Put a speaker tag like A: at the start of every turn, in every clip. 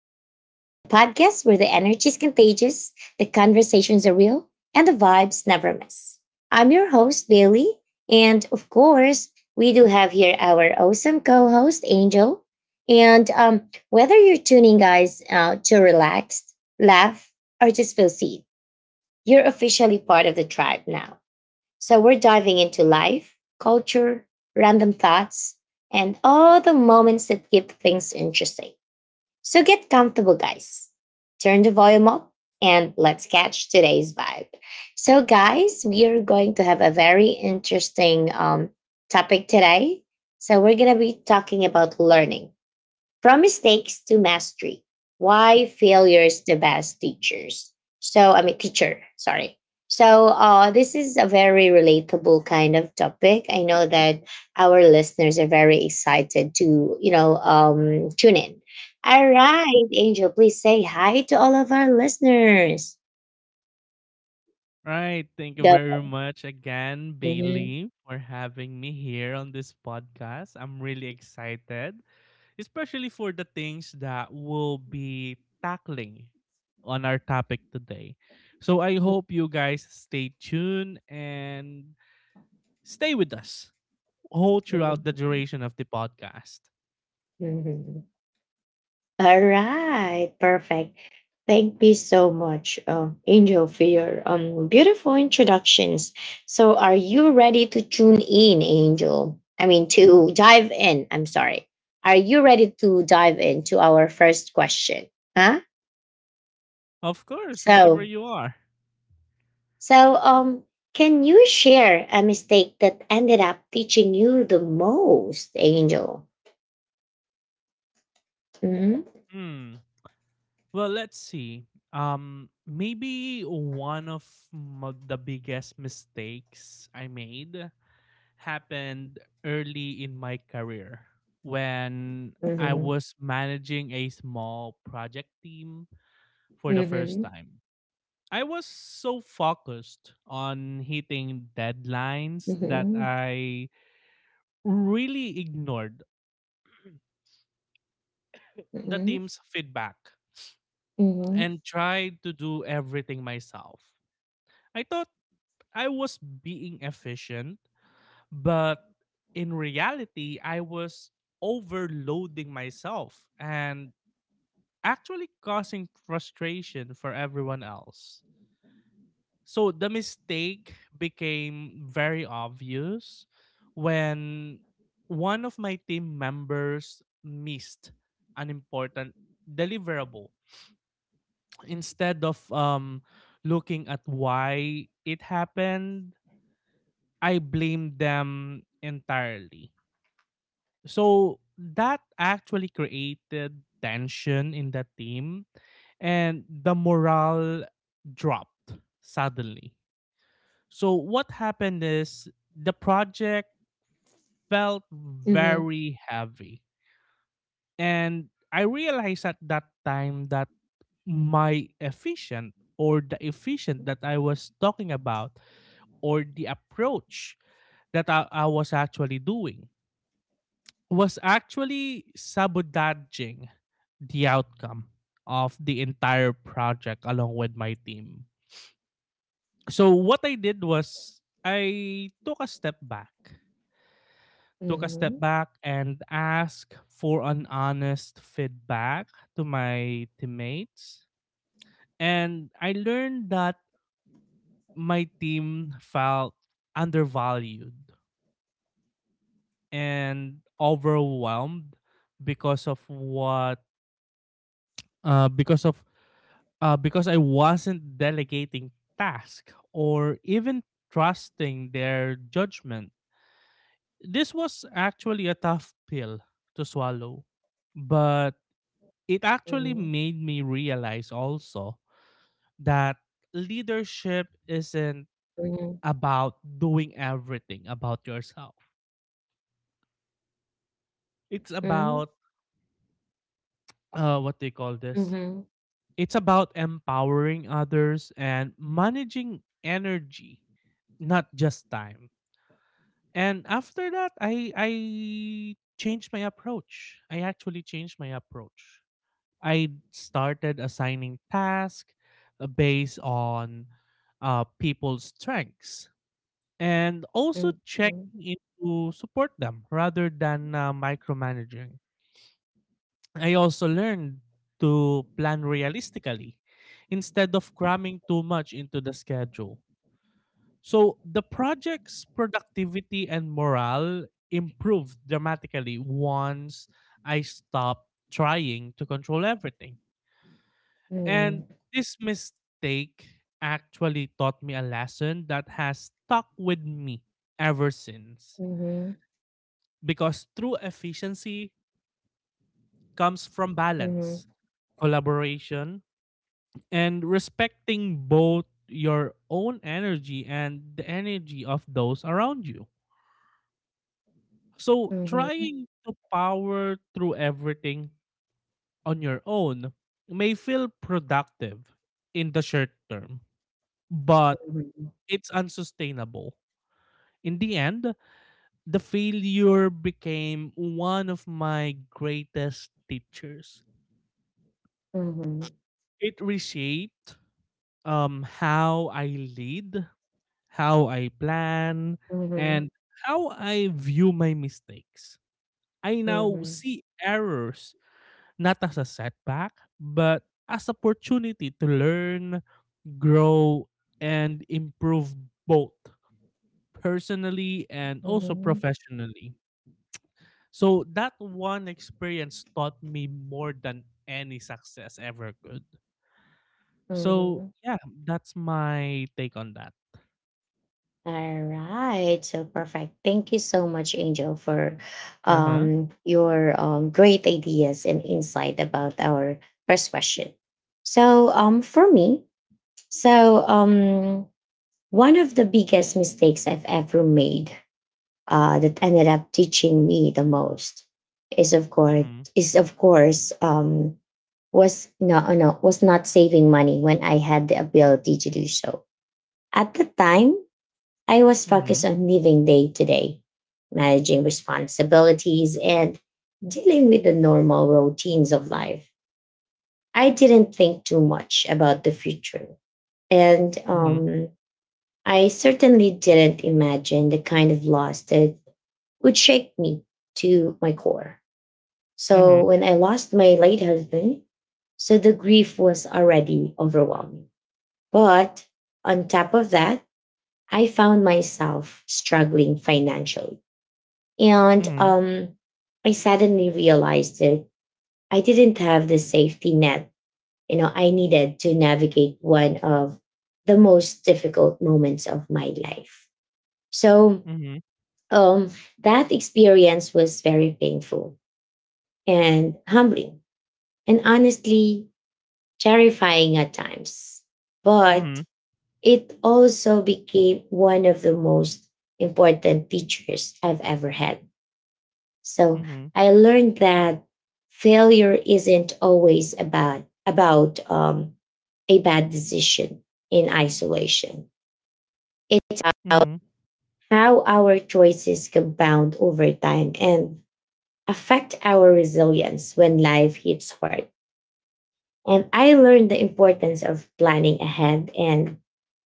A: Tribe, the podcast where the energy is contagious, the conversations are real, and the vibes never miss. I'm your host, Bailey, and of course, we do have here our awesome co host, Angel. And Whether you're tuning guys out to relax, laugh, or just feel seen, you're officially part of the tribe now. So we're diving into life, culture, random thoughts, and all the moments that keep things interesting. So get comfortable, guys. Turn the volume up and let's catch today's vibe. So, guys, we are going to have a very interesting topic today. So, we're going to be talking about learning from mistakes to mastery. Why failure is the best teachers. So I mean teacher, sorry. So this is a very relatable kind of topic. I know that our listeners are very excited to, you know, tune in. All right, Angel, please say hi to all of our listeners.
B: Right. Thank you
A: Go.
B: very much again,
A: Mhm,
B: Bailey, for having me here on this podcast. I'm really excited, especially for the things that we'll be tackling on our topic today. So I hope you guys stay tuned and stay with us whole
A: mhm,
B: throughout the duration of the podcast.
A: mhm. All right, perfect. Thank you so much, Angel, for your beautiful introductions. So, are you ready to tune in, Angel? I mean, to dive in. I'm sorry. Are you ready to dive into our first question? Huh?
B: Of course, whenever
A: So,
B: you are.
A: so um, can you share a mistake that ended up teaching you the most, Angel? Mm-hmm.
B: Hmm. Well, let's see. Maybe one of the biggest mistakes I made happened early in my career when I
A: Mm-hmm.
B: was managing a small project team for the first
A: Mm-hmm.
B: time. I was so focused on hitting deadlines that
A: Mm-hmm.
B: I really ignored the
A: Mm-hmm.
B: team's feedback
A: Mm-hmm.
B: and tried to do everything myself. I thought I was being efficient, but in reality, I was overloading myself and actually causing frustration for everyone else. So the mistake became very obvious when one of my team members missed an important deliverable. Instead of looking at why it happened, I blame them entirely. So that actually created tension in the team and the morale dropped suddenly. So what happened is the project felt
A: Mm-hmm.
B: very heavy. And I realized at that time that my efficient or the efficient that I was talking about or the approach that I was actually doing was actually sabotaging the outcome of the entire project along with my team. So what I did was I took a step back,
A: Mm-hmm. Mm-hmm.
B: and asked for an honest feedback to my teammates. And I learned that my team felt undervalued and overwhelmed because of uh, because of because I wasn't delegating task or even trusting their judgment. This was actually a tough pill to swallow, but it actually
A: Mm-hmm.
B: made me realize also that leadership isn't
A: Mm-hmm,
B: about doing everything about yourself. It's
A: mm-hmm.
B: about what they call this.
A: Mhm,
B: It's about empowering others and managing energy, not just time. And after that, I changed my approach. I actually changed my approach. I started assigning tasks based on people's strengths and also
A: mhm, mhm,
B: checking in to support them rather than micromanaging. I also learned to plan realistically instead of cramming too much into the schedule so the project's productivity and morale improved dramatically once I stopped trying to control everything. And
A: mhm,
B: this mistake actually taught me a lesson that has stuck with me ever since.
A: mhm,
B: Because true efficiency comes from
A: mhm,
B: balance, collaboration, and respecting both your own energy and the energy of those around you. So
A: mhm,
B: trying to power through everything on your own may feel productive in the short term, but
A: mhm,
B: it's unsustainable. In the end, the failure became one of my greatest teachers.
A: mhm,
B: It reshaped how I lead, how I plan, and how I view my mistakes. I now
A: mhm,
B: see errors not as a setback, but as opportunity to learn, grow, and improve both personally and also
A: mhm,
B: professionally. So that one experience taught me more than any success ever could. So
A: mhm.
B: yeah, that's my take on that.
A: All right, so perfect. Thank you so much, Angel, for
B: Uh huh.
A: your great ideas and insight about our first question. So, for me, so um, one of the biggest mistakes I've ever made that ended up teaching me the most is of course
B: Mhm.
A: is of course was no no was not saving money when I had the ability to do so. At the time, I was focused
B: Mhm.
A: on living day to day, managing responsibilities and dealing with the normal routines of life. I didn't think too much about the future, and I certainly didn't imagine the kind of loss that would shake me to my core. So
B: Mhm.
A: when I lost my late husband, so the grief was already overwhelming. But on top of that, I found myself struggling financially. And
B: Mhm.
A: I suddenly realized that I didn't have the safety net, you know, I needed to navigate one of the most difficult moments of my life. So
B: Mhm.
A: um, that experience was very painful and humbling and honestly terrifying at times.
B: Mhm.
A: But it also became one of the most important teachers I've ever had. So I learned that failure isn't always about a bad decision in isolation. It's about
B: Mhm.
A: how our choices compound over time and affect our resilience when life hits hard. And I learned the importance of planning ahead and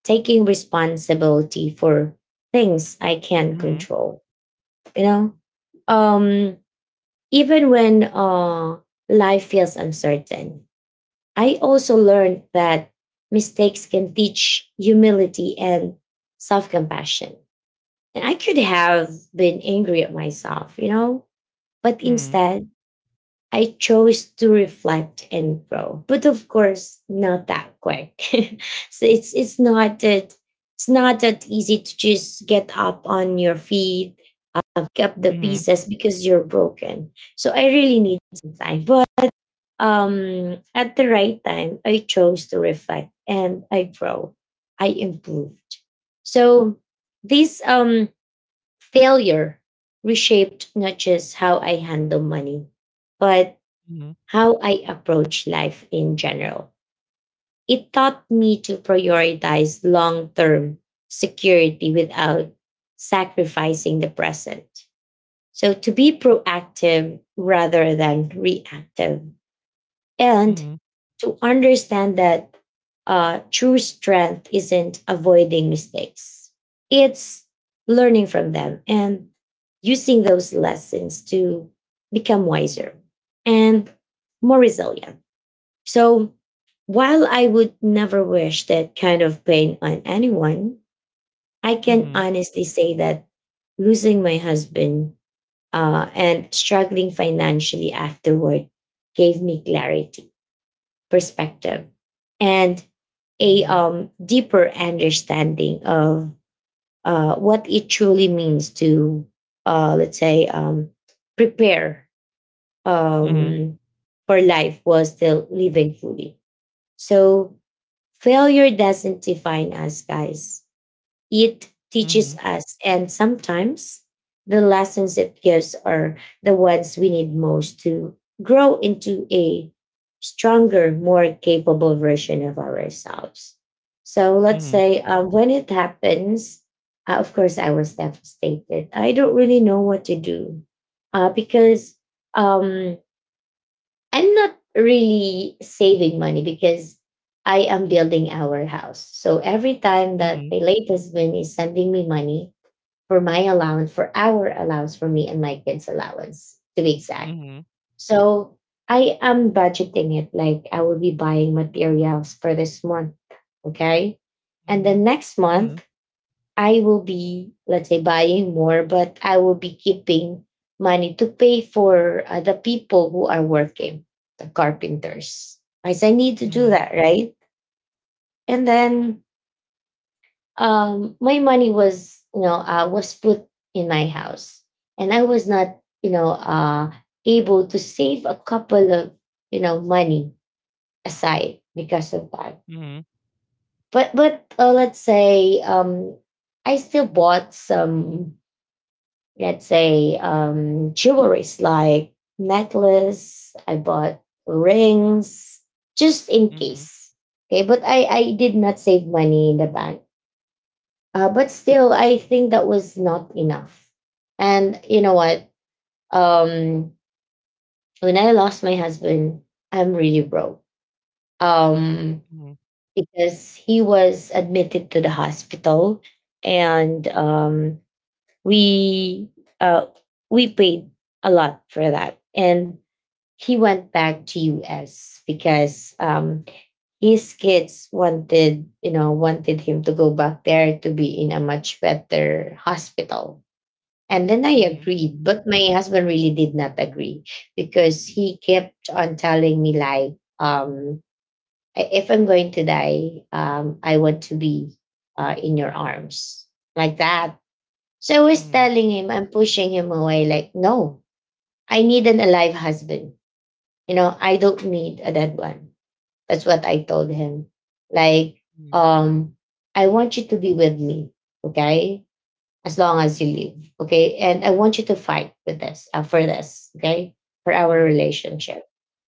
A: taking responsibility for things I can
B: Mhm.
A: control. You know, um, even when life feels uncertain, I also learned that mistakes can teach humility and self compassion. And I could have been angry at myself, you know, but
B: Mhm.
A: instead, I chose to reflect and grow, but of course, not that quick. So it's not that it's not that easy to just get up on your feet, pick up the
B: Mhm.
A: pieces because you're broken. So I really need some time, but at the right time, I chose to reflect and I grow, I improved. So this failure reshaped not just how I handle money, but
B: Mhm.
A: how I approach life in general. It taught me to prioritize long term security without sacrificing the present. So, to be proactive rather than reactive,
B: Mhm. Mhm.
A: and
B: Mhm.
A: to understand that true strength isn't avoiding mistakes, it's learning from them and using those lessons to become wiser and more resilient. So while I would never wish that kind of pain on anyone, I can
B: Mhm.
A: honestly say that losing my husband and struggling financially afterward gave me clarity, perspective, and a deeper understanding of what it truly means to, let's say, prepare
B: Mhm.
A: um, for life while still living fully. So failure doesn't define us, guys. It
B: Mhm.
A: teaches us. And sometimes the lessons it gives are the ones we need most to grow into a stronger, more capable version of ourselves. So let's
B: Mhm.
A: say when it happens, of course, I was devastated. I don't really know what to do because um, I'm not really saving money because I am building our house. So every time that
B: Mhm,
A: my late husband is sending me money for my allowance, for our allowance, for me and my kids' allowance, to be exact.
B: mhm,
A: So I am budgeting it like I will be buying materials for this month. Okay. And
B: mhm,
A: then next
B: mhm,
A: month, I will be, let's say, buying more, but I will be keeping money to pay for the people who are working, the carpenters. I said, I need to do
B: mhm,
A: that, right? And then my money was, you know, was put in my house, and I was not, you know, able to save a couple of, you know, money aside because of that.
B: mhm,
A: But let's say I still bought some let's say jewelries like necklace I bought rings just in
B: mhm,
A: case. Okay, but I did not save money in the bank, but still I think that was not enough. And you know what, um when I lost my husband, I'm really broke, um
B: mhm,
A: because he was admitted to the hospital, and um we uh we paid a lot for that, and he went back to us because his kids wanted, you know, wanted him to go back there to be in a much better hospital. And then I
B: mhm,
A: agreed, but my husband really did not agree, because he kept on telling me like, um "I- if I'm going to die, I want to be in your arms," like that. So I was
B: mhm,
A: telling him, I'm pushing him away, like, no, I need an alive husband. You know, I don't need a dead one. That's what I told him. Like,
B: mhm,
A: um, I want you to be with me, okay? As long as you live, okay? And I want you to fight with this, for this, okay? For our
B: mhm,
A: relationship.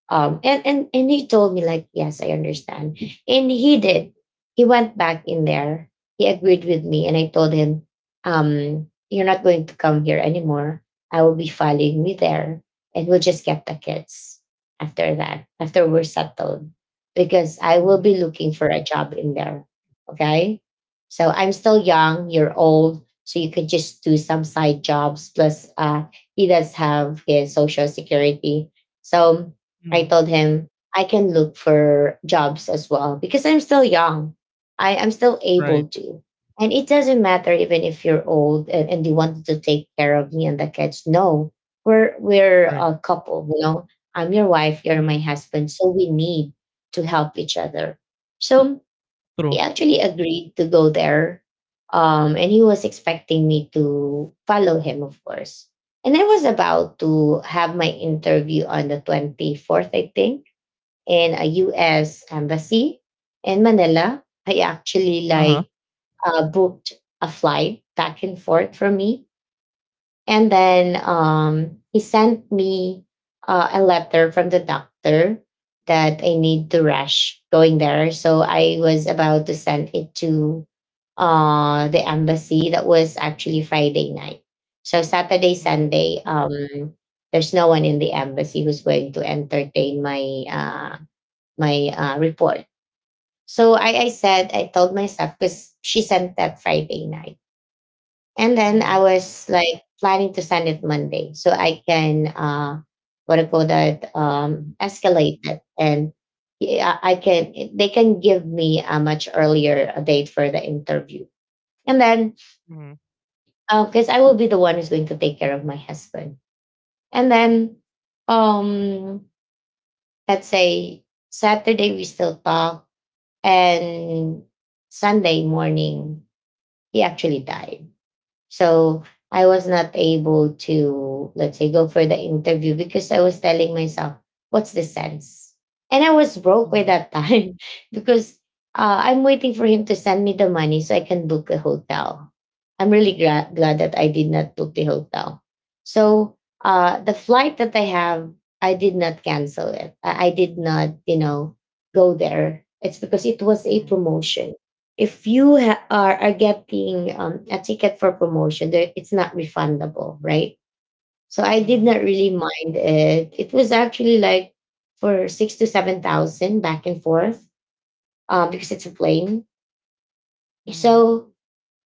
A: And he told me like, yes, I understand, and he did. He went back in there. He agreed with me, and I told him, you're not going to come here anymore. I will be following me there, and we'll just get the kids after that, after we're settled, because I will
B: mhm,
A: be looking for a job in there. Okay, so I'm still young, you're old, so you could just do some side jobs, plus he does have his social security. So I
B: mhm.
A: told him I can look for jobs as well because I'm still young. I am still
B: Right,
A: able to. And it doesn't matter even if you're old, and you wanted to take care of me and the kids. No, we're
B: right.
A: a couple, you know. I'm your wife, you're my
B: Mhm.
A: husband. So we need to help each other. So
B: True.
A: he actually agreed to go there. And he was expecting me to follow him, of course. And I was about to have my interview on the 24th, I think, in a US embassy in Manila. I actually
B: Uh-huh.
A: like booked a flight back and forth for me, and then he sent me a letter from the doctor that I need to rush going there. So I was about to send it to the embassy. That was actually Friday night. So Saturday,
B: Mhm,
A: Sunday, there's no one in the embassy who's going to entertain my uh, report. So I said, I told myself, because she sent that Friday night. And then
B: mhm,
A: I was like planning to send it Monday so I can uh, what I call that, escalate it, and yeah, I can, they can give me a much earlier a date for the interview. And then
B: mhm,
A: because I will be the one who's going to take care of my husband. And then um let's say Saturday we still talk, and Sunday morning he actually died. So I was not able to, let's say, go for the interview because I was telling myself, what's the sense? And I was broke by
B: mhm,
A: that time because I'm waiting for him to send me the money so I can book a hotel. I'm really glad that I did not book the hotel. So the flight that I have, I did not cancel it. I did not, you know, go there. It's because it was a
B: mhm,
A: promotion. If you are getting a ticket for promotion, there, it's not refundable, right? So I did
B: mhm,
A: not really mind it. It was actually like for six to seven thousand back and forth, because it's a plane.
B: mhm.
A: So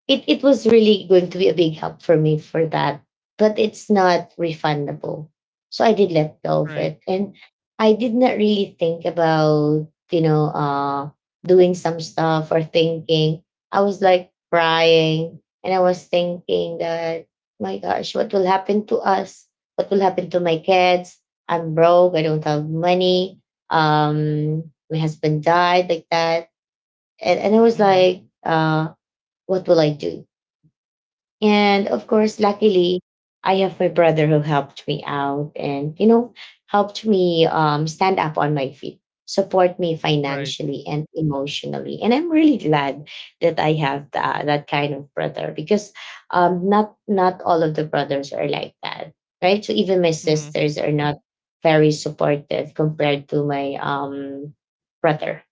A: it was really going to be a big help for me for that, but it's not refundable, so I did let go of
B: Right.
A: it. And I did not really think about, doing some stuff or thinking. I was like crying, and I was thinking that, my gosh, what will happen to us? What will happen to my kids? I'm broke, I don't have money. um my husband died like that, and I was
B: Mhm.
A: like, what will I do? And of course, luckily, I have my brother who helped me out and, you know, helped me, stand up on my feet, support me
B: Right.
A: financially and emotionally. And I'm really glad that I have that kind of brother, because not all of the brothers are like that, right? So even my
B: Mhm,
A: sisters are not very supportive compared to my, brother.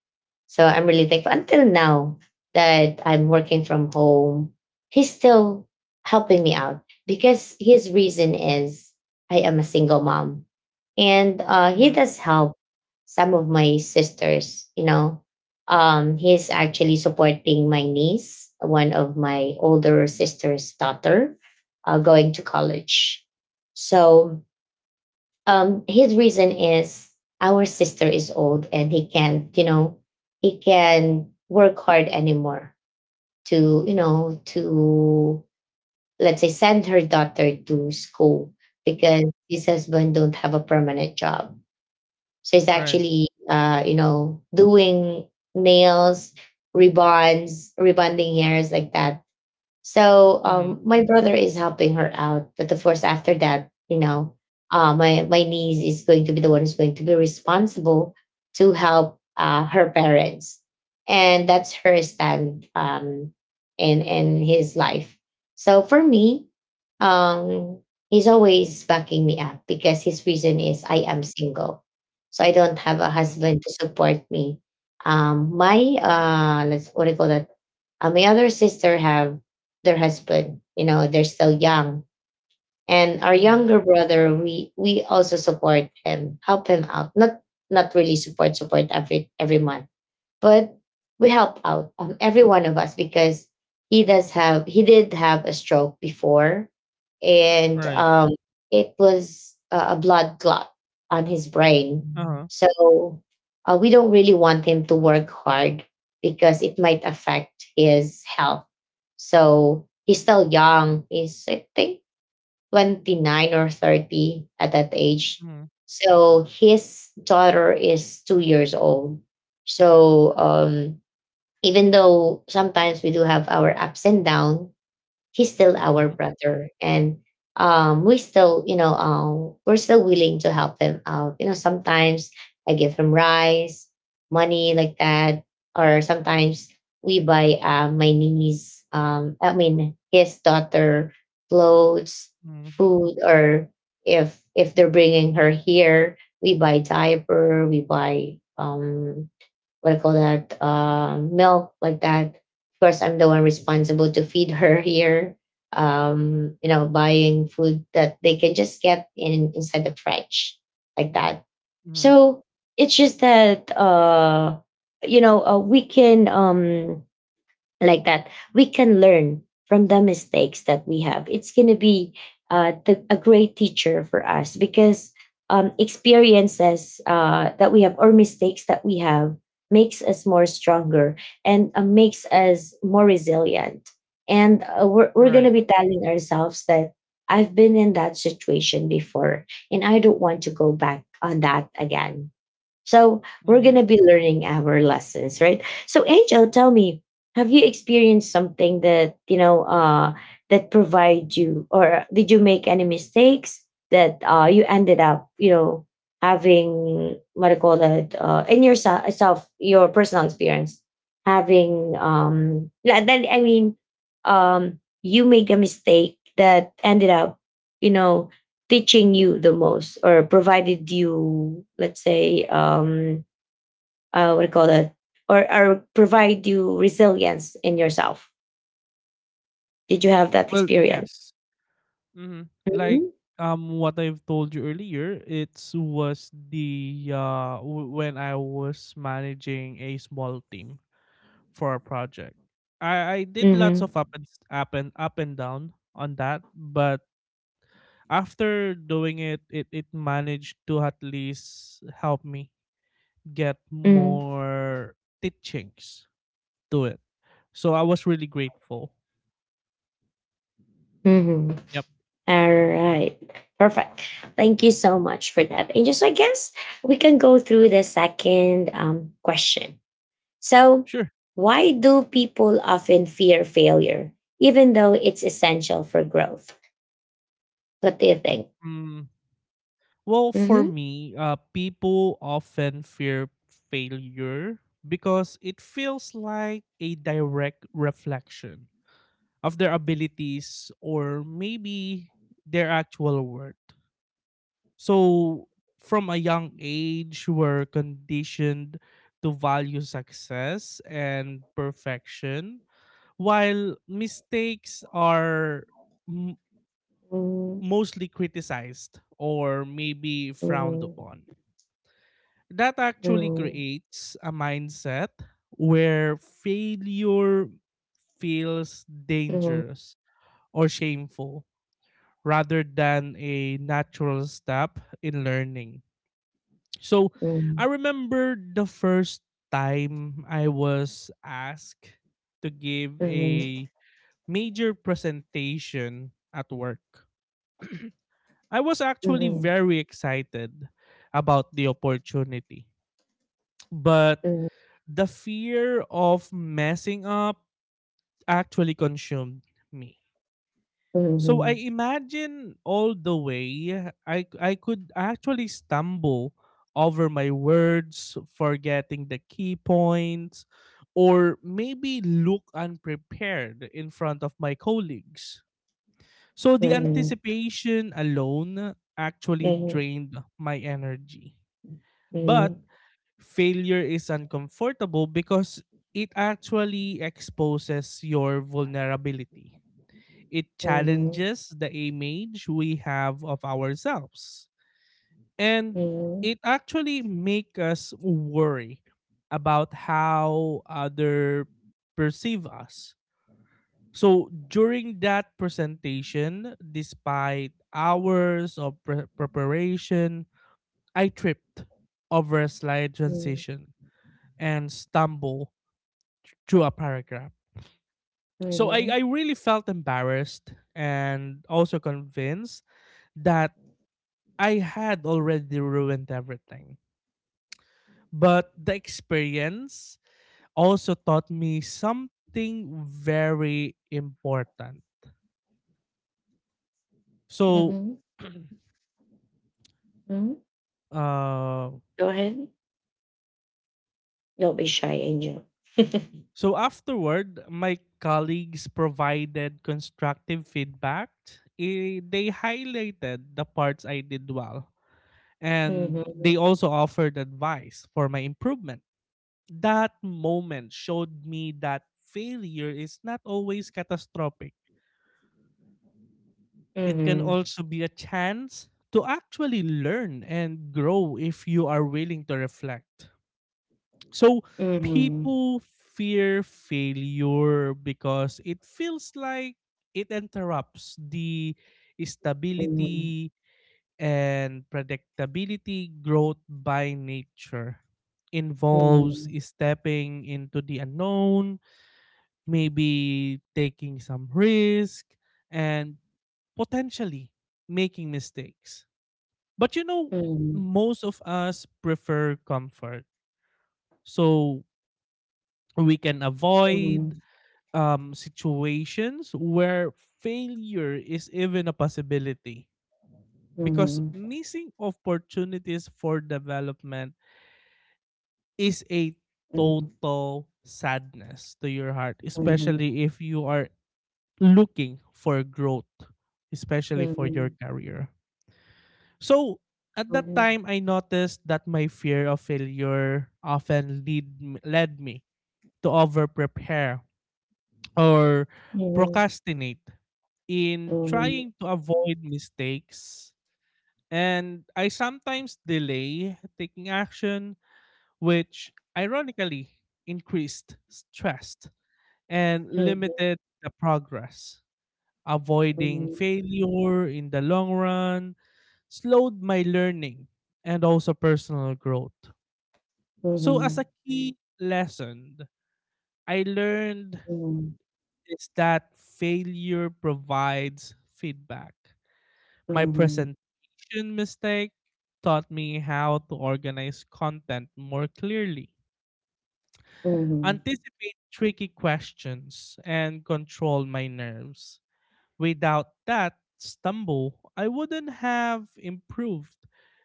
A: So I'm really thankful until now that I'm working from home. He's still helping me out because his reason is I am a single mom. And he
B: mhm.
A: does help some of my sisters, you know. He's actually supporting my niece, one of my older sister's daughter, going to college. So his reason is our sister is old, and he can't, you know, he can work hard anymore to, you know, to, let's say, send her daughter to school, because his husband don't have a permanent job. So he's
B: Right.
A: actually, you know, doing nails, ribbons, rebonding hairs, like that. So
B: Mhm,
A: my brother is helping her out, but of course after that, you know, my niece is going to be the one who's going to be responsible to help, her parents, and that's her stand, in his life. So for me, um, he's always backing me up because his reason is I am single, so I don't have a
B: mhm,
A: husband to support me. My let's, what do you call that? My other sister have their husband. You know, they're still young, and our
B: mhm.
A: younger brother, we also support him, help him out. Not not really support, support every month, but we help out, every one of us, because he did have a stroke before. And
B: Right.
A: it was a blood clot on his brain.
B: Uh-huh.
A: So we don't really want him to work hard because it might affect his health. So he's still young, he's, I think, 29 or 30 at that age.
B: Mhm,
A: So his daughter is two years old. So even though sometimes we do have our ups and downs, he's still our
B: mhm,
A: brother, and we still, you know, we're still willing to help him out, you know. Sometimes I give him rice, money, like that, or sometimes we buy, my niece, I mean his daughter, clothes,
B: mhm,
A: food, or if they're bringing her here, we buy diaper, we buy, what do call that, milk, like that. Of course I'm the one responsible to feed her here, you know, buying food that they can just get in inside the fridge, like that.
B: mhm.
A: So it's just that, we can, like that, we can learn from the mistakes that we have. It's going to be, the, a great teacher for us, because experiences, that we have, or mistakes that we have, makes us more stronger, and makes us more resilient. And we're going to
B: Right.
A: be telling ourselves that I've been in that situation before and I don't want to go back on that again. So we're going
B: Mhm.
A: to be learning our lessons, right? So Angel, tell me, have you experienced something that, you know, that provide you, or did you make any mistakes that, you ended up, you know, having, what do you call that, in yourself, your personal experience, having, yeah, then I mean, you make a mistake that ended up, you know, teaching you the most, or provided you, let's say, what do you call that, or provide you resilience in yourself? Did you have that
B: Well,
A: experience?
B: yes. Hmm. Like
A: Mhm.
B: what I've told you earlier, it was the when I was managing a small team for a project. I did lots
A: Mhm.
B: of up and s- up and up and down on that, but after doing it, it managed to at least help me get
A: Mhm.
B: more teachings to it. So I was really grateful.
A: Mhm.
B: Yep.
A: All right, perfect, thank you so much for that, and just, I guess, we can go through the second, question. So
B: Sure.
A: why do people often fear failure even though it's essential for growth? What do you think?
B: Mm, well, for me, people often fear failure because it feels like a direct reflection of their abilities or maybe their actual worth. So, from a young age, we're conditioned to value success and perfection, while mistakes are
A: Mm-hmm.
B: mostly criticized or maybe frowned
A: Mhm,
B: upon. That actually
A: mhm,
B: creates a mindset where failure feels
A: mhm,
B: dangerous or shameful rather than a natural step in learning. So I
A: mhm,
B: remember the first time I was asked to give
A: mhm,
B: a major presentation at work. I was actually
A: mhm,
B: very excited about the opportunity, but
A: mhm,
B: the fear of messing up actually consumed me. So I
A: mhm,
B: imagine all the way I could actually stumble over my words, forgetting the key points, or maybe look unprepared in front of my colleagues. So the
A: mhm, mhm,
B: anticipation alone actually
A: mhm,
B: drained my energy. But
A: mhm,
B: failure is uncomfortable because it actually exposes your vulnerability. It
A: mhm,
B: challenges the image we have of ourselves. And it actually makes us worry about how other perceive us. So during that presentation, despite hours of preparation, I tripped over a slide transition and stumble through a paragraph.
A: mhm,
B: So I,
A: mhm,
B: I really felt embarrassed and also convinced that I had already ruined everything. But the experience also taught me something very important. So,
A: mhm, mhm.
B: uh,
A: Go ahead. Don't be shy, Angel.
B: so afterward, my colleagues provided constructive feedback. They highlighted the parts I did well and they
A: Mhm,
B: also offered advice for my improvement. That moment showed me that failure is not always catastrophic. It can
A: mhm,
B: also be a chance to actually learn and grow if you are willing to reflect. So,
A: mhm,
B: people fear failure because it feels like it interrupts the
A: mhm, mhm,
B: stability and predictability. Growth by nature involves
A: mhm,
B: stepping into the unknown, maybe taking some risk, and potentially making mistakes. But you know, most of us prefer comfort. So we can
A: mhm, mhm,
B: avoid
A: mhm,
B: situations where failure is even a possibility because
A: mhm,
B: missing opportunities for development is a
A: mhm,
B: total sadness to your heart,
A: mhm, mhm, mhm,
B: especially if you are looking for growth, especially for your career. So at that time, I noticed that my fear of failure often lead led me to over prepare or procrastinate in
A: mhm,
B: trying to avoid mistakes. And I sometimes delay taking action which ironically increased stress and
A: mhm,
B: limited the progress. Avoiding failure in the long run slowed my learning and also personal growth. So, as a
A: mhm,
B: key lesson, I learned
A: mhm,
B: is that failure provides feedback.
A: mhm.
B: My
A: mhm.
B: presentation mistake taught me how to organize content more clearly,
A: Mhm,
B: anticipate tricky questions, and control my nerves. Without that stumble, I wouldn't have improved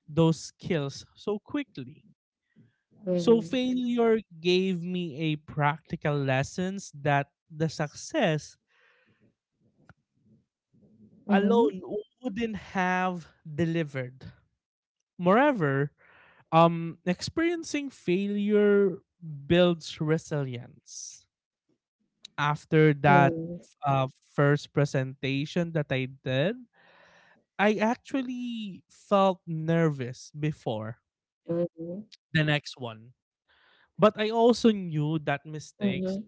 B: those skills so quickly. So
A: mhm,
B: failure gave me a practical lessons that the success
A: mhm,
B: alone wouldn't have delivered. Moreover, experiencing failure builds resilience. After that
A: mhm,
B: uh, first presentation that I did, I actually felt nervous before
A: mhm, mhm,
B: the next one. But I also knew that mistakes
A: mhm,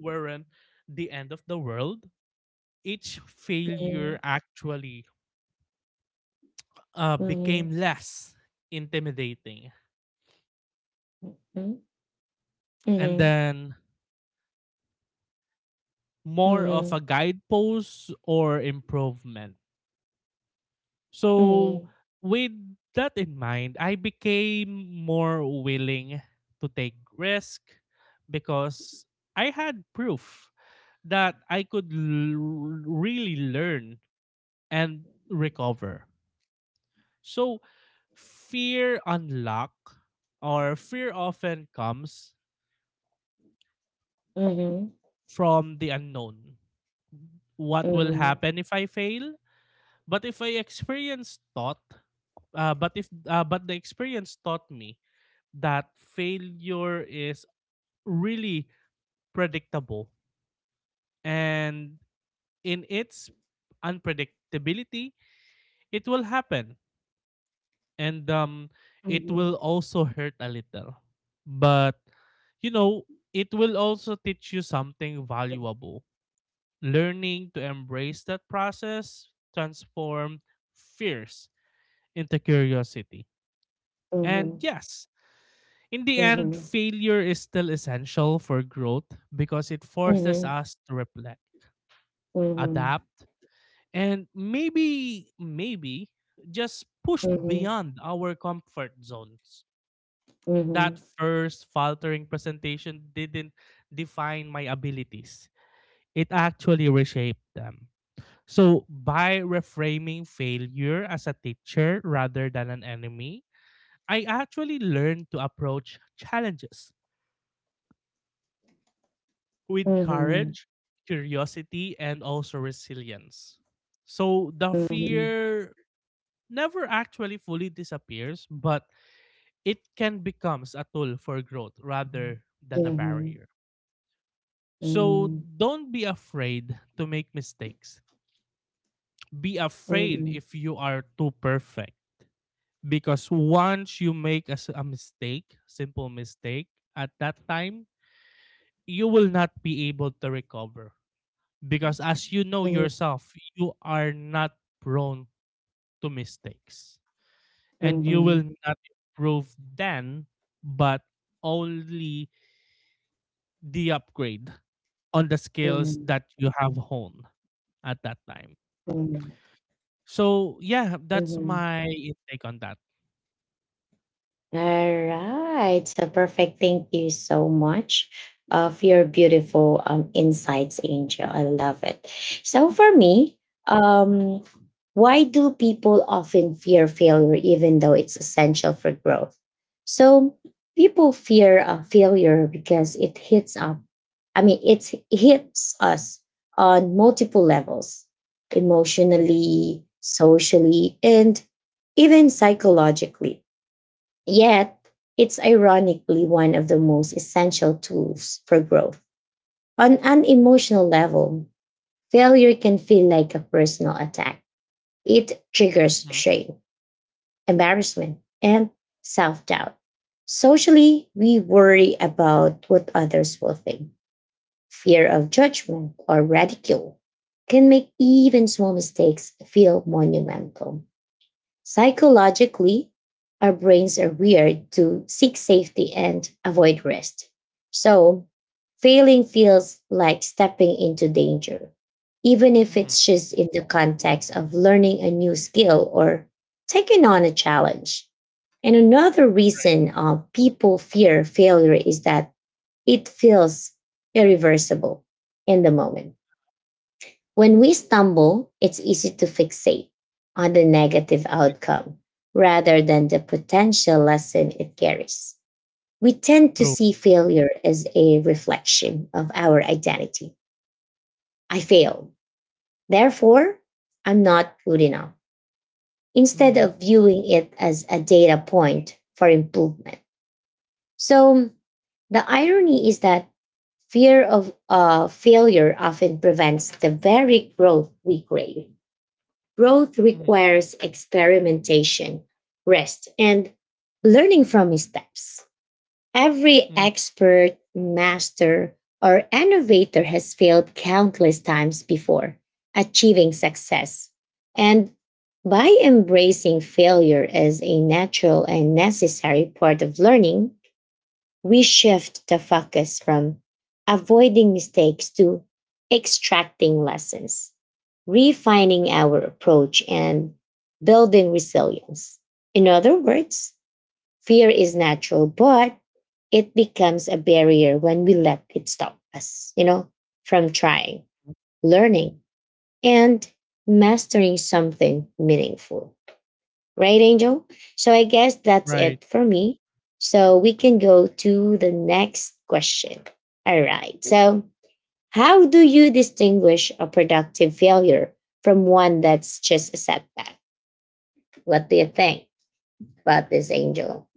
B: weren't the end of the world. Each failure
A: mhm,
B: actually became
A: mhm,
B: less intimidating
A: mhm,
B: and
A: mhm,
B: then
A: mhm, mhm, mhm,
B: more
A: mhm, mhm, mhm,
B: of
A: mhm,
B: a guidepost or improvement. So with that in mind, I became more willing to take risk because I had proof that I could really learn and recover. So fear unlock or fear often comes from the unknown. What will happen if I fail? But if I experience thought, but if but the experience taught me that failure is really predictable, and in its unpredictability it will happen, and it will also hurt a little, but you know, it will also teach you something valuable. Learning to embrace that process transform fears into curiosity. And yes, in the end, failure is still essential for growth because it
A: mhm, mhm, mhm,
B: forces
A: mhm, mhm.
B: us to reflect, adapt, and maybe just push
A: Mhm,
B: beyond our comfort zones.
A: mhm, mhm, mhm,
B: That first faltering presentation didn't define my abilities, it actually reshaped them. So, by reframing failure as a teacher rather than an enemy, I actually learned to approach challenges with courage, curiosity, and also resilience. So the fear never actually fully disappears, but it can becomes a tool for growth rather than a barrier. So don't be afraid to make mistakes. Be afraid if you are too perfect, because once you make a mistake, simple mistake at that time, you will not be able to recover. Because as you know yourself, you are not prone to mistakes. And you will not improve then, but only the upgrade on the
A: mhm,
B: skills
A: mhm,
B: that you have honed at that time.
A: mhm,
B: So yeah, that's
A: mhm.
B: my intake on that.
A: All right. So perfect. Thank you so much, for your beautiful, insights, Angel. I love it. So for me, um, why do people often fear failure even though it's essential for growth? So people fear, failure because it hits up. I mean, it hits us on multiple levels: emotionally, socially, and even psychologically. Yet, it's ironically one of the most essential tools for growth. On an emotional level, failure can feel like a personal attack. It triggers
B: Mm-hmm.
A: shame, embarrassment, and self doubt. Socially, we worry about what others will think. Fear of judgment or ridicule can make even small mistakes feel monumental. Psychologically, our brains are wired to seek safety and avoid rest. So, failing feels like stepping into danger, even if
B: Mm-hmm.
A: it's just in the context of learning a new skill or taking on a challenge. And another reason, people fear failure is that it feels irreversible in the moment. When we stumble, it's easy to fixate on the negative outcome rather than the potential lesson it carries. We tend to
B: True.
A: see failure as a reflection of our identity. I failed. Therefore, I'm not good enough, instead
B: Mm-hmm.
A: of viewing it as a data point for improvement. So, the irony is that fear of, failure often prevents the very growth we crave. Growth
B: Mm-hmm.
A: requires experimentation, rest, and learning from missteps. Every
B: Mm-hmm.
A: expert, master, or innovator has failed countless times before achieving success. And by embracing failure as a natural and necessary part of learning, we shift the focus from avoiding mistakes to extracting lessons, refining our approach, and building resilience. In other words, fear is natural, but it becomes a barrier when we let it stop us, you know, from trying, learning, and mastering something meaningful. Right, Angel? So I guess that's
B: Right.
A: it for me. So we can go to the next question. All right. So, how do you distinguish a productive failure from one that's just a setback? What do you think about this, Angel?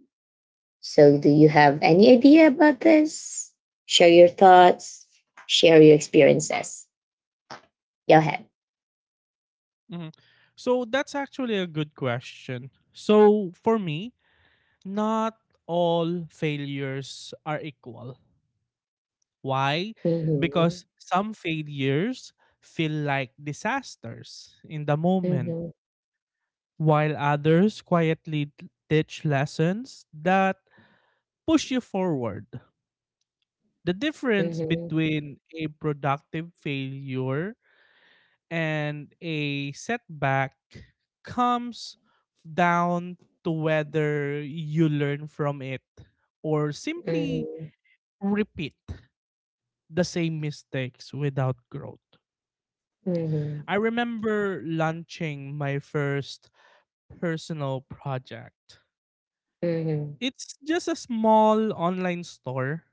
A: So, do you have any idea about this? Share your thoughts, share your experiences. Go ahead.
B: Mm-hmm. So that's actually a good question. So for me, not all failures are equal. Why?
A: Mhm,
B: Because some failures feel like disasters in the moment,
A: mhm,
B: while others quietly teach lessons that push you forward. The difference
A: mhm,
B: between a productive failure and a setback comes down to whether you learn from it or simply
A: mhm,
B: repeat the same mistakes without growth.
A: mhm,
B: I remember launching my first personal project.
A: mhm, mhm,
B: It's just a small online store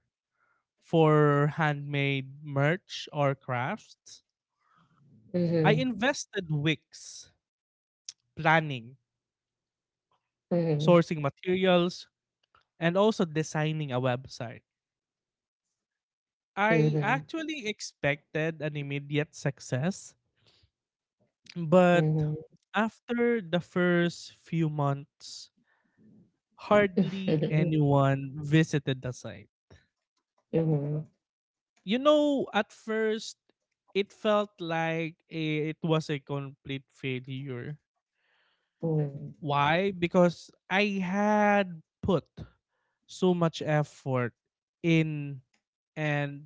B: for handmade merch or crafts. I
A: mhm,
B: invested weeks planning,
A: mhm,
B: sourcing materials, and also designing a website. I
A: Mhm,
B: actually expected an immediate success, but
A: mhm.
B: after the first few months, hardly anyone visited the site.
A: Mhm,
B: You know, at first, it felt like it was a complete failure.
A: mhm, mhm,
B: Why? Because I had put so much effort in and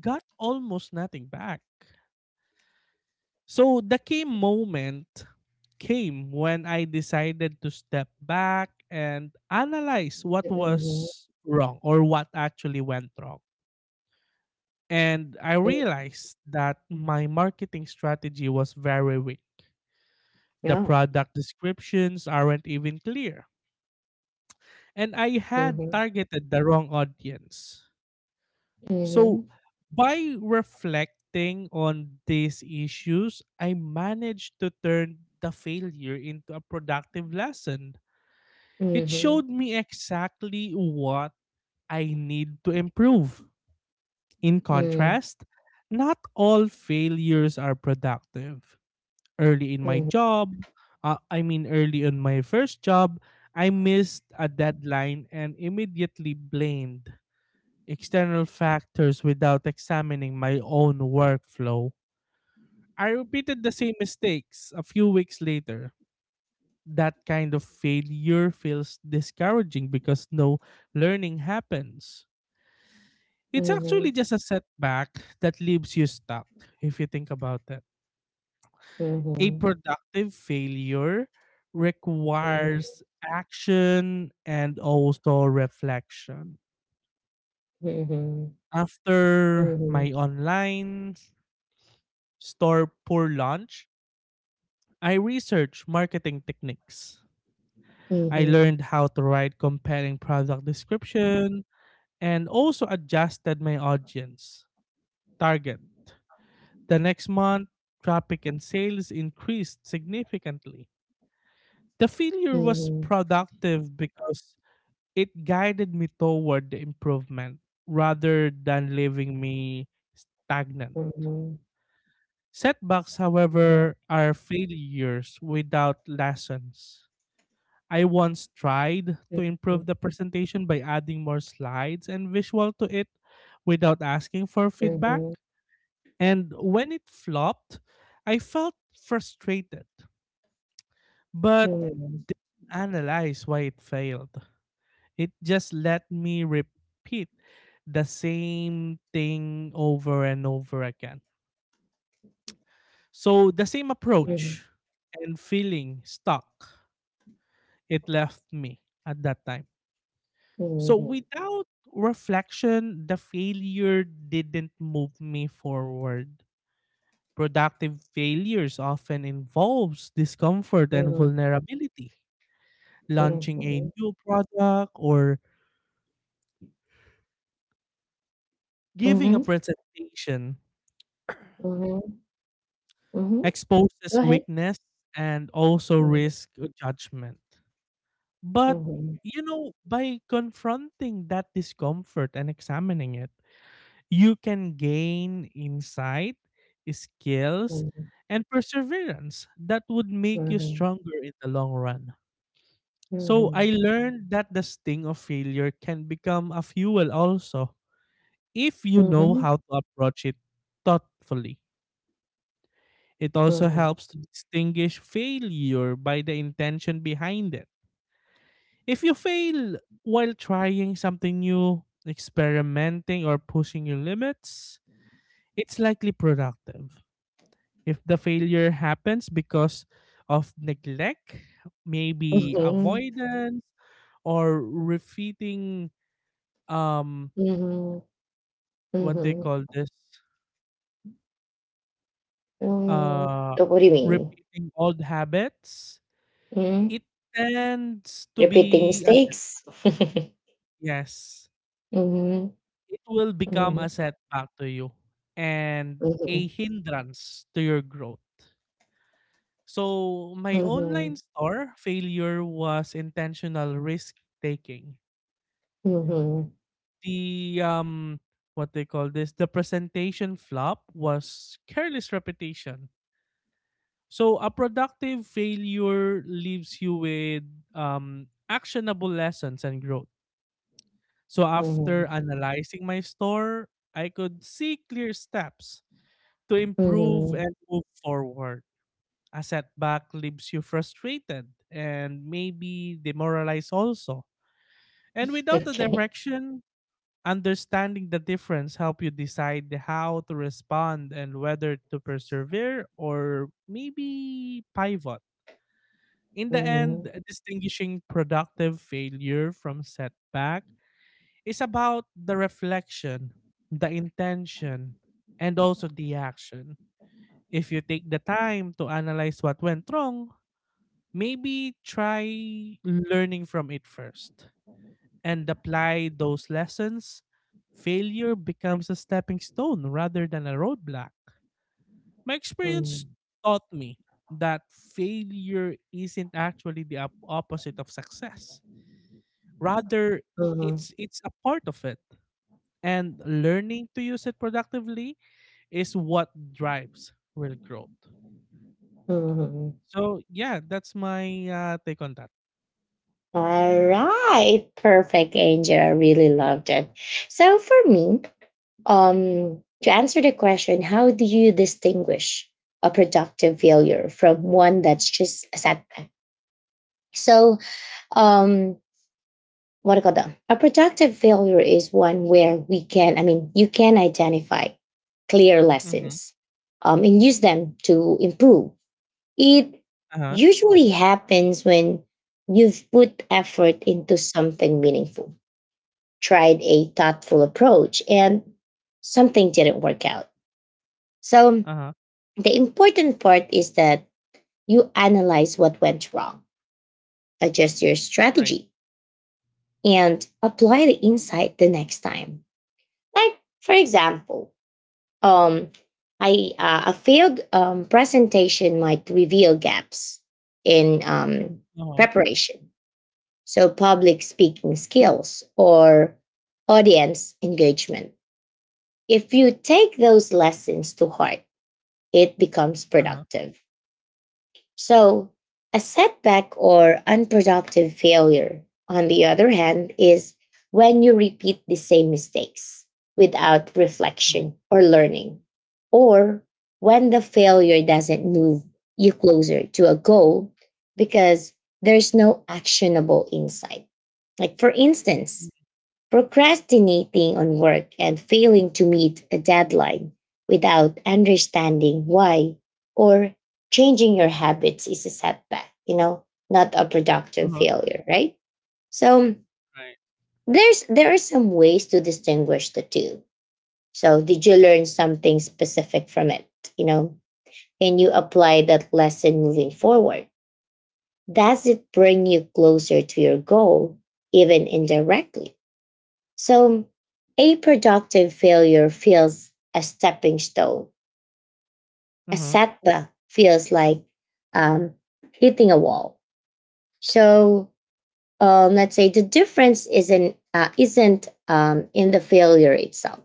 B: got almost nothing back. So the key moment came when I decided to step back and analyze what
A: mhm, mm,
B: was wrong or what actually went wrong. And I realized that my marketing strategy was very weak. The
A: yeah.
B: product descriptions aren't even clear. And I had
A: Mhm,
B: targeted the wrong audience. So,
A: mhm,
B: by reflecting on these issues, I managed to turn the failure into a productive lesson. It
A: mhm,
B: showed
A: mm,
B: me exactly what I need to improve. In contrast, not all failures are productive early in my
A: mhm,
B: job, early on my first job, I missed a deadline and immediately blamed external factors without examining my own workflow. I repeated the same mistakes a few weeks later. That kind of failure feels discouraging because no learning happens. It's actually
A: mhm,
B: just a setback that leaves you stuck if you think about it.
A: mhm,
B: A
A: mhm,
B: productive failure requires action and also reflection.
A: mhm, mhm, mhm, mhm, mhm, mhm, mhm, mhm, mhm, mhm,
B: After
A: mhm,
B: my online store pour launch, I researched marketing techniques. I
A: mhm,
B: learned how to write compelling product description and also adjusted my audience target. The next month, traffic and sales increased significantly. The failure was
A: mhm,
B: productive because it guided me toward the improvement rather than leaving me stagnant. Setbacks, however, are failures without lessons. I once tried to improve the presentation by adding more slides and visual to it without asking for feedback. And when it flopped, I felt frustrated, but analyzed why it failed. It just let me repeat the same thing over and over again. So the same approach and feeling stuck, it left me at that time. So without reflection, the failure didn't move me forward. Productive failures often involves discomfort and
A: mhm,
B: vulnerability. Launching a
A: mhm,
B: new product or giving a presentation
A: mhm.
B: exposes
A: Go ahead.
B: weakness and also
A: Mhm,
B: risk judgment. But
A: mhm,
B: by confronting that discomfort and examining it, you can gain insight, skills,
A: mhm,
B: and perseverance that would make you
A: mhm,
B: stronger in the long run. So I learned that the sting of failure can become a fuel also if you
A: mhm,
B: know
A: mhm.
B: how to approach it thoughtfully. It also
A: Mm.
B: helps to distinguish failure by the intention behind it. If you fail while trying something new, experimenting, or pushing your limits, it's likely productive. If the failure happens because of neglect, maybe
A: Mhm.
B: avoidance, or repeating, um,
A: Mhm.
B: what they
A: Mhm.
B: call this,
A: Mm.
B: uh,
A: So what do you mean?
B: repeating old habits,
A: Mhm.
B: it tends to
A: Repeating
B: be a
A: mistakes?
B: yes,
A: Mhm.
B: it will become
A: Mhm.
B: a setback to you and a
A: Mhm.
B: hindrance to your growth. So, my online
A: Mhm.
B: store failure was intentional risk taking.
A: Mhm.
B: The what they call this, the presentation flop was careless repetition. So, a productive failure leaves you with actionable lessons and growth. So, after
A: Mhm.
B: analyzing my store, I could see clear steps to improve
A: Mhm.
B: and move forward. A setback leaves you frustrated and maybe demoralized also. And without a
A: Okay.
B: direction, understanding the difference help you decide how to respond and whether to persevere or maybe pivot. In the
A: Mhm.
B: end, distinguishing productive failure from setback is about the reflection, the intention, and also the action. If you take the time to analyze what went wrong, maybe try learning from it first and apply those lessons. Failure becomes a stepping stone rather than a roadblock. My experience
A: Mhm.
B: taught me that failure isn't actually the opposite of success. Rather,
A: Mhm.
B: it's a part of it and learning to use it productively is what drives real growth.
A: Mhm.
B: So, yeah, that's my, take on that.
A: All right. Perfect, Angel. I really loved it. So for me, to answer the question, how do you distinguish a productive failure from one that's just a setback? So, um, what do you call that? A productive failure is one where we can, I mean, you can identify clear
B: Mhm.
A: lessons, and use them to improve. It
B: Uh-huh,
A: usually happens when you've put effort into something meaningful, tried a thoughtful approach, and something didn't work out. So
B: uh-huh,
A: the important part is that you analyze what went wrong, adjust your
B: right.
A: strategy, and apply the insight the next time. Like, for example, um, a failed, presentation might reveal gaps in,
B: Uh-huh,
A: preparation. So, public speaking skills or audience engagement. If you take those lessons to heart, it becomes
B: uh-huh,
A: productive. So, a setback or unproductive failure, on the other hand, is when you repeat the same mistakes without
B: mhm,
A: reflection or learning, or when the failure doesn't move you closer to a goal because there's no actionable insight. Like, for
B: mhm,
A: instance, procrastinating on work and failing to meet a deadline without understanding why or changing your habits is a setback, you know, not a productive
B: uh-huh,
A: failure, right? So
B: right.
A: there are some ways to distinguish the two. So did you learn something specific from it? You know, can you apply that lesson moving forward? Does it bring you closer to your goal, even indirectly? So, a productive failure feels a stepping stone. A
B: Uh-huh,
A: setback feels like um, hitting a wall. So, let's say the difference isn't in the failure itself.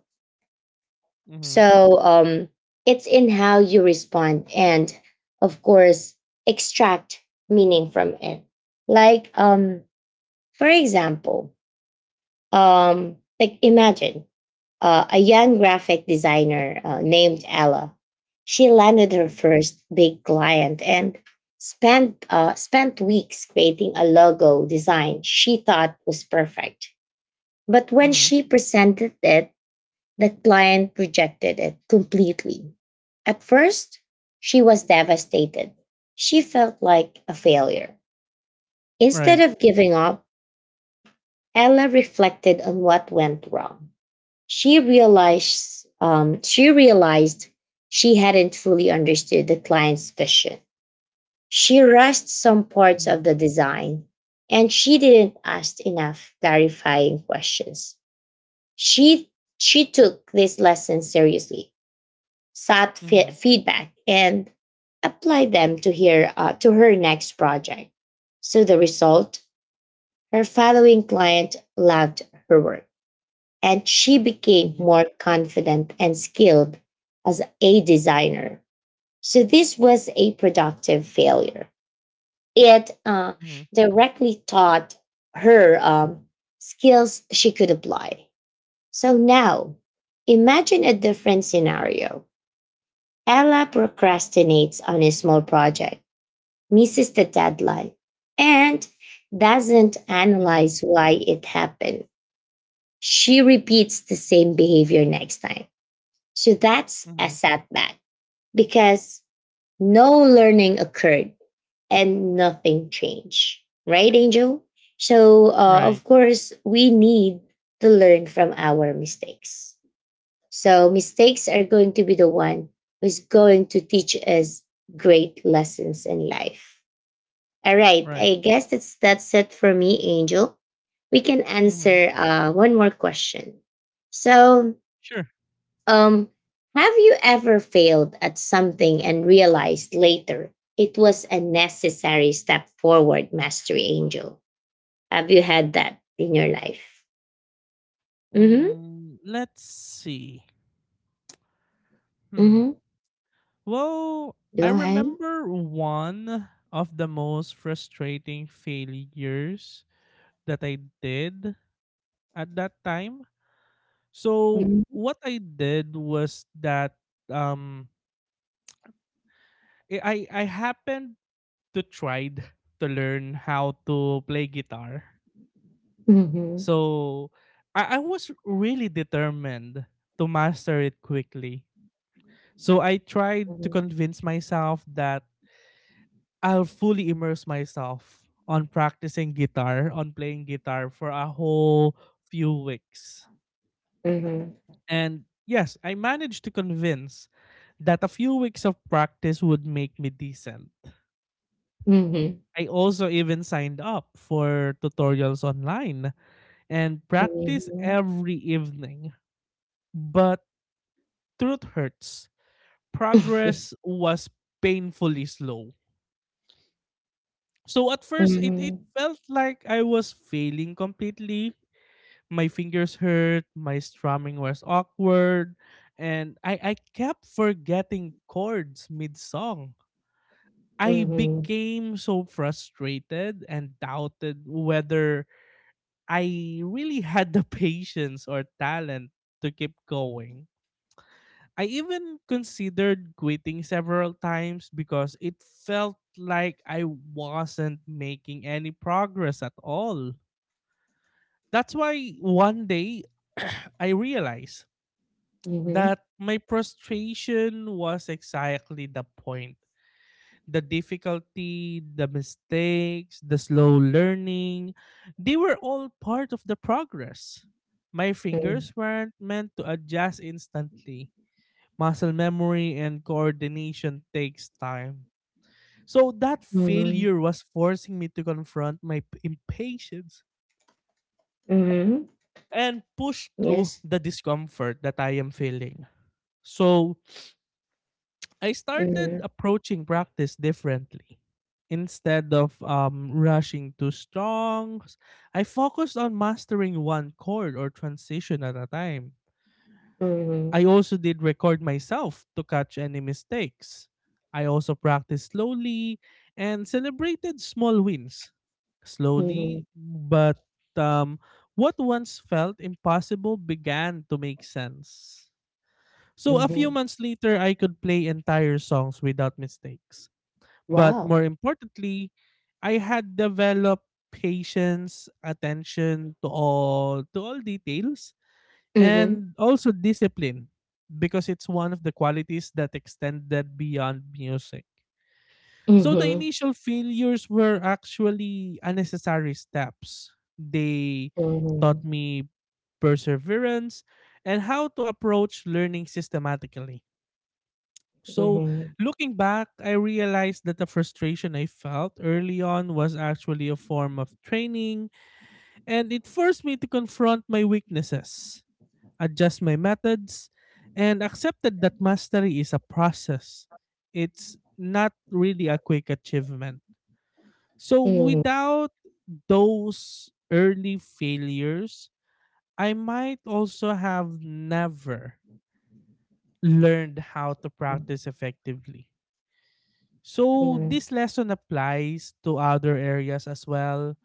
B: mhm,
A: So, it's in how you respond and, of course, extract meaning from it. Like, for example, like imagine a young graphic designer named Ella. She landed
B: mhm,
A: her first big client and spent weeks creating a logo design she thought was perfect. But when
B: mhm,
A: she presented it, the client rejected it completely. At first, she was devastated. She felt like a failure. Instead
B: right.
A: of giving up, Ella reflected on what went wrong. She realized she hadn't fully understood the client's vision. She rushed some parts
B: Mhm,
A: of the design and she didn't ask enough clarifying questions. She she took this lesson seriously, sought
B: mhm,
A: feedback, and applied them to her next project. So the result, her following client loved her work and she became
B: mhm,
A: more confident and skilled as a designer. So this was a productive failure. It
B: mhm,
A: directly taught her skills she could apply. So now, imagine a different scenario. Ella procrastinates on a small project, misses the deadline, and doesn't
B: mhm,
A: analyze why it happened. She repeats the same behavior next time. So that's a
B: mhm,
A: setback because no learning occurred and nothing changed, right, Angel? So, of
B: right,
A: course, we need to learn from our mistakes. So, mistakes are going to be the one who's going to teach us great lessons in life. All right,
B: right.
A: I guess that's it for me, Angel. We can
B: Mhm,
A: answer one more question. So,
B: sure.
A: um, have you ever failed at something and realized later it was a necessary step forward, Mastery Angel? Have you had that in your life? Mm-hmm.
B: Mm, let's see. Hmm.
A: Mm-hmm.
B: Well, I
A: Go ahead.
B: remember one of the most frustrating failures that I did at that time. So
A: Mm-hmm.
B: what I did was that um I happened to tried to learn how to play guitar.
A: Mm-hmm.
B: So I was really determined to master it quickly. So I tried to convince myself that I'll fully immerse myself on practicing guitar, on playing guitar for a whole few weeks.
A: Mm-hmm.
B: And yes, I managed to convince that a few weeks of practice would make me decent.
A: Mm-hmm.
B: I also even signed up for tutorials online and practice
A: Mm-hmm.
B: every evening. But truth hurts. Progress was painfully slow. So at first it felt like I was failing completely. My fingers hurt, my strumming was awkward, and I kept forgetting chords mid song. I
A: Mm-hmm.
B: became so frustrated and doubted whether I really had the patience or talent to keep going. I even considered quitting several times because it felt like I wasn't making any progress at all. That's why one day I realized
A: Mm-hmm.
B: that my frustration was exactly the point. The difficulty, the mistakes, the slow learning, they were all part of the progress. My fingers weren't meant to adjust instantly. Muscle memory and coordination takes time. So that
A: Mm-hmm.
B: failure was forcing me to confront my impatience
A: Mm-hmm.
B: and push through
A: Yes.
B: the discomfort that I am feeling. So I started
A: Mm-hmm.
B: approaching practice differently. Instead of rushing to strong, I focused on mastering one chord or transition at a time.
A: Mm-hmm.
B: I also did record myself to catch any mistakes. I also practiced slowly and celebrated small wins. Slowly,
A: Mm-hmm.
B: but um, what once felt impossible began to make sense. So a few
A: Mm-hmm.
B: months later, I could play entire songs without mistakes. But
A: Wow.
B: more importantly, I had developed patience, attention to all details,
A: Mm-hmm.
B: and also discipline because it's one of the qualities that extended beyond music. So the
A: Mm-hmm.
B: initial failures were actually unnecessary steps. They
A: Mm-hmm.
B: taught me perseverance and how to approach learning systematically. So,
A: Mhm.
B: looking back, I realized that the frustration I felt early on was actually a form of training, and it forced me to confront my weaknesses, adjust my methods, and accepted that mastery is a process. It's not really a quick achievement. So,
A: Mhm.
B: without those early failures, I might also have never learned how to practice effectively. So
A: Mhm.
B: this lesson applies to other areas as well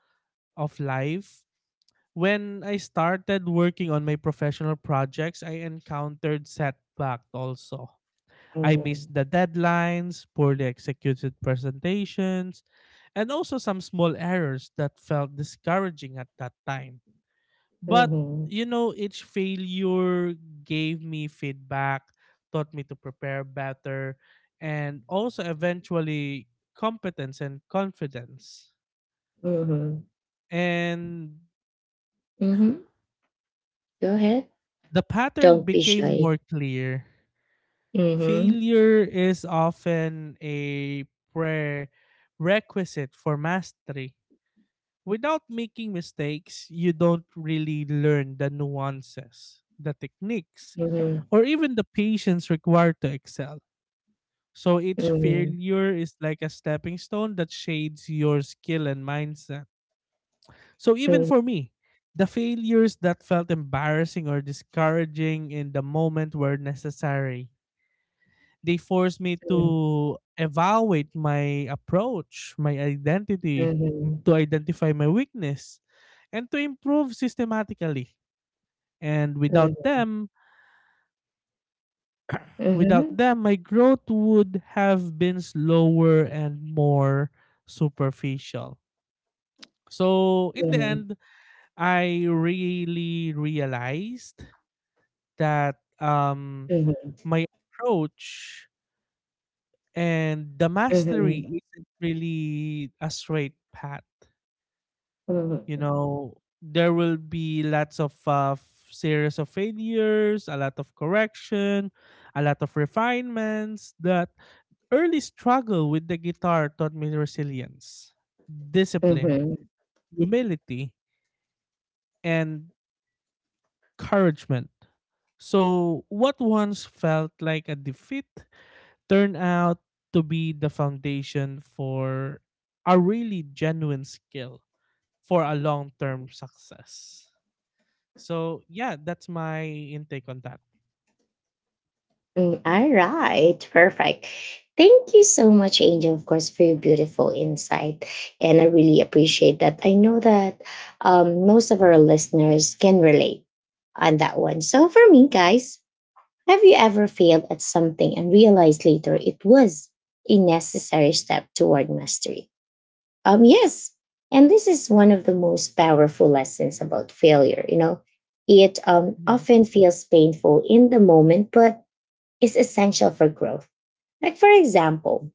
B: of life. When I started working on my professional projects, I encountered setbacks also. I
A: Mhm.
B: missed the deadlines, poorly executed presentations, and also some small errors that felt discouraging at that time. But
A: Mhm.
B: you know, each failure gave me feedback, taught me to prepare better, and also eventually competence and confidence.
A: Mhm.
B: And
A: Mhm. Go ahead.
B: the pattern
A: Don't be
B: became
A: shy.
B: more clear.
A: Mhm.
B: Failure is often a prerequisite for mastery. Without making mistakes, you don't really learn the nuances, the techniques,
A: Mhm.
B: or even the patience required to excel. So each
A: Mhm.
B: failure is like a stepping stone that shades your skill and mindset. So even for me, the failures that felt embarrassing or discouraging in the moment were necessary. They forced me
A: Mhm.
B: to evaluate my approach, my identity,
A: Mhm.
B: to identify my weakness, and to improve systematically. And
A: Mhm.
B: without
A: Mhm.
B: them, my growth would have been slower and more superficial. So in the
A: Mhm.
B: end, I really realized that
A: Mhm. Mhm.
B: my approach and the
A: Mhm.
B: mastery isn't really a straight path. You
A: Mhm.
B: know, there will be lots of series of failures, a lot of correction, a lot of refinements that early struggle with the guitar taught me resilience, discipline,
A: Mhm.
B: humility, and encouragement. So, what once felt like a defeat turned out to be the foundation for a really genuine skill for a long term success. So, yeah, that's my intake on that.
A: Mm, all right, perfect. Thank you so much, Angel, of course, for your beautiful insight. And I really appreciate that. I know that most of our listeners can relate on that one. So, for me, guys, have you ever failed at something and realized later it was a necessary step toward mastery? Yes. And this is one of the most powerful lessons about failure. You know, it
B: Mm-hmm.
A: often feels painful in the moment, but is essential for growth. Like, for example,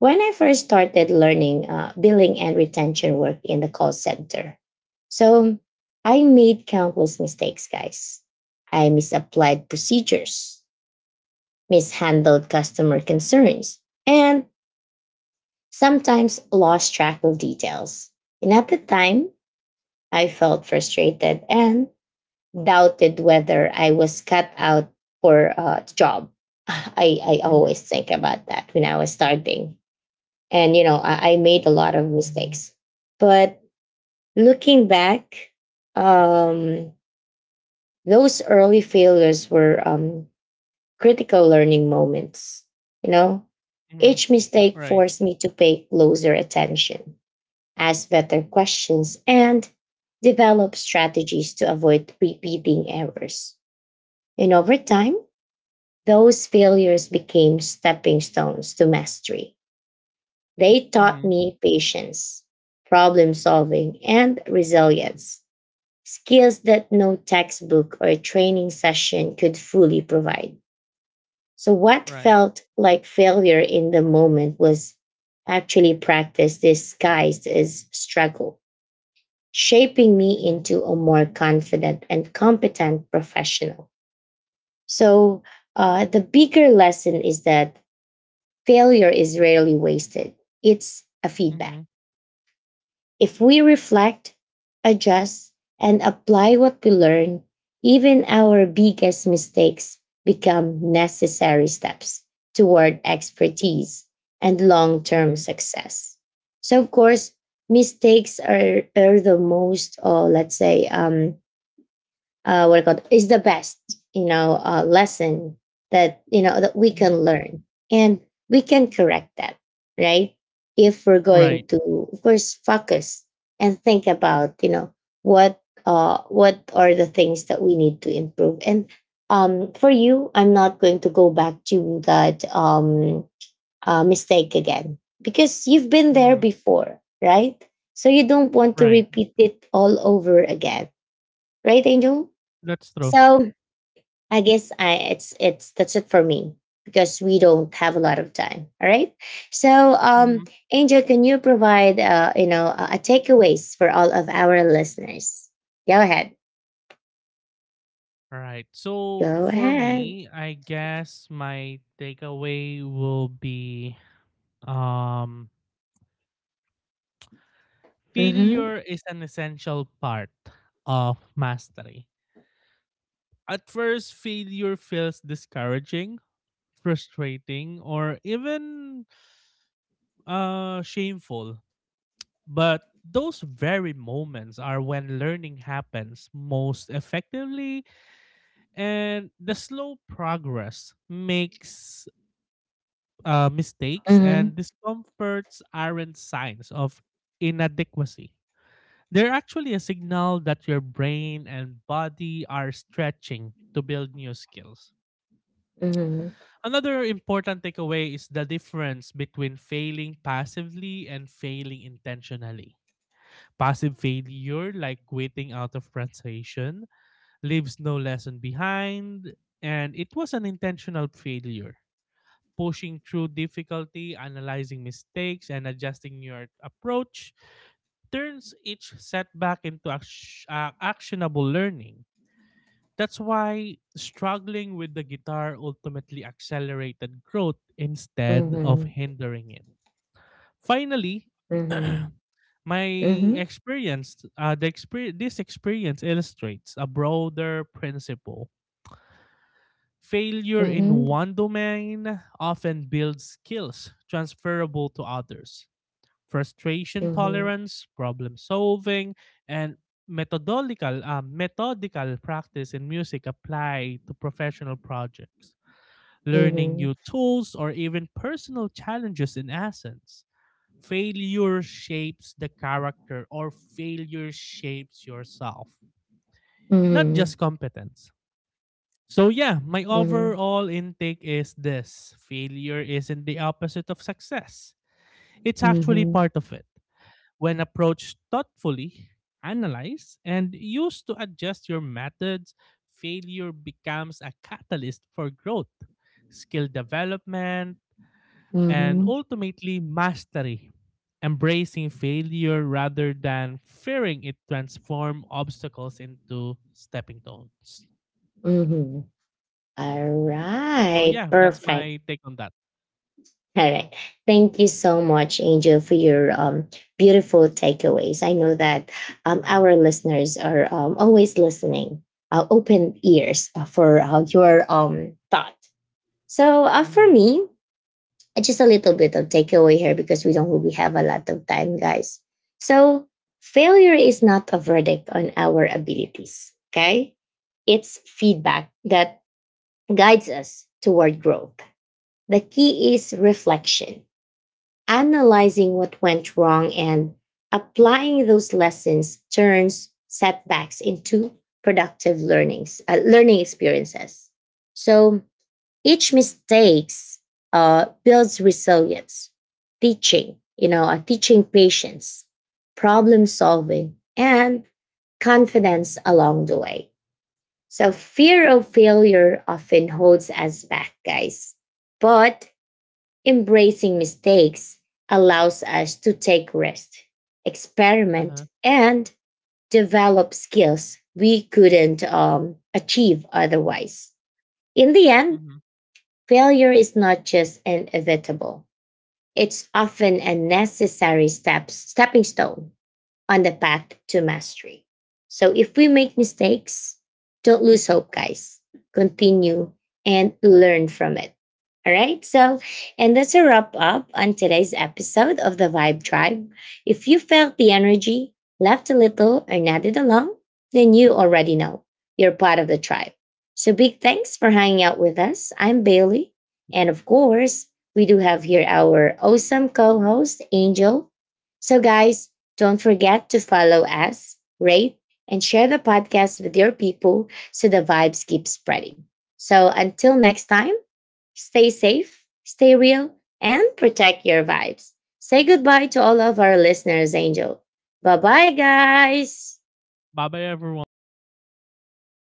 A: when I first started learning billing and retention work in the call center, so I made countless mistakes, guys. I misapplied procedures, mishandled customer concerns, and sometimes lost track of details. And at the time, I felt frustrated and doubted whether I was cut out for a job. I
B: Mm-hmm.
A: always think about that when I was starting. And, you know, I made a lot of mistakes. But looking back, um, those early failures were critical learning moments. You know,
B: Mm-hmm.
A: each mistake
B: Right.
A: forced me to pay closer attention, ask better questions, and develop strategies to avoid repeating errors. And over time, those failures became stepping stones to mastery. They taught
B: Mm-hmm.
A: me patience, problem solving, and resilience, skills that no textbook or training session could fully provide. So, what
B: Right.
A: felt like failure in the moment was actually practice disguised as struggle, shaping me
B: Mm-hmm.
A: into a more confident and competent professional. So, the bigger lesson is that failure is rarely wasted, it's a feedback.
B: Mm-hmm.
A: If we reflect, adjust, and apply what we learn, even our biggest mistakes become necessary steps toward expertise and long term
B: Mm-hmm.
A: success. So, of course, mistakes are the most, or let's say, what I call it, is the best, you know, lesson that you know that we
B: Mm-hmm.
A: can learn, and we can correct that, right? If we're going
B: Right.
A: to, of course, focus and think about, you know, what are the things that we need to improve. And for you, I'm not going to go back to that mistake again because you've been there
B: Mm-hmm.
A: before, right? So you don't want to
B: Right.
A: repeat it all over again, right, Angel?
B: That's true.
A: So I guess I it's that's it for me because we don't have a lot of time. All right. So, um,
B: Mm-hmm.
A: Angel, can you provide you know a takeaways for all of our listeners? Go ahead.
B: Right. So,
A: Go
B: for
A: ahead.
B: me, I guess my takeaway will be um,
A: Mm-hmm.
B: failure is an essential part of mastery. At first, failure feels discouraging, frustrating, or even shameful. But those very moments are when learning happens most effectively, and the slow progress makes mistakes
A: Mm-hmm.
B: and discomforts aren't signs of inadequacy. They're actually a signal that your brain and body are stretching to build new skills.
A: Mm-hmm.
B: Another important takeaway is the difference between failing passively and failing intentionally. Passive failure, like waiting out of frustration, leaves no lesson behind, and it was an intentional failure. Pushing through difficulty, analyzing mistakes, and adjusting your approach turns each setback into actionable learning. That's why struggling with the guitar ultimately accelerated growth instead of
A: Mm-hmm.
B: hindering it. Finally,
A: Mm-hmm.
B: my experience, this experience illustrates a broader principle. Failure in
A: Mm-hmm.
B: one domain often builds skills transferable to others frustration
A: Mm-hmm. Mm-hmm. Mm-hmm.
B: tolerance, problem solving, and methodical methodical practice in music apply to professional projects. Learning
A: Mm-hmm.
B: new tools or even personal challenges in essence. Failure shapes the character or failure shapes yourself, not just
A: Mm-hmm.
B: competence. So yeah, my overall intake is this. Failure isn't the opposite of success. It's actually
A: Mm-hmm.
B: part of it. When approached thoughtfully, analyze, and used to adjust your methods, failure becomes a catalyst for growth, skill development, and
A: Mm-hmm.
B: ultimately mastery. Embracing failure rather than fearing it transform obstacles into stepping stones.
A: Mm-hmm. All
B: So
A: right.
B: yeah, that's
A: Perfect.
B: my take on that.
A: All right. Thank you so much, Angel, for your beautiful takeaways. I know that
B: Hmm.
A: our listeners are always listening, open ears for your thought. So,
B: Hmm.
A: for me, just a little bit of takeaway here because we don't really have a lot of time, guys. So, failure is not a verdict on our abilities, okay? It's feedback that guides us toward growth. The key is reflection. Analyzing what went wrong and applying those lessons turns setbacks into productive learning experiences. So each mistakes builds resilience, teaching, you know, teaching patience, problem solving, and confidence along the way. So fear of failure often holds us back, guys. But embracing mistakes allows us to take risks,
B: Uh-huh.
A: experiment, and develop skills we couldn't achieve otherwise. In the end,
B: Hmm.
A: failure is not just inevitable; it's often a stepping stone on the path to mastery. So if we make mistakes, don't lose hope, guys. Continue and learn from it. All right. So, and that's a wrap up on today's episode of the Vibe Tribe. If you felt the energy, laughed a little, or nodded along, then you already know you're part of the tribe. So, big thanks for hanging out with us. I'm Bailey. And of course, we do have here our awesome co host, Angel. So, guys, don't forget to follow us, rate, and share the podcast with your people so the vibes keep spreading. So until next time, stay safe, stay real, and protect your vibes. Say goodbye to all of our listeners, Angel. Bye bye, guys.
B: Bye bye everyone. Thank you.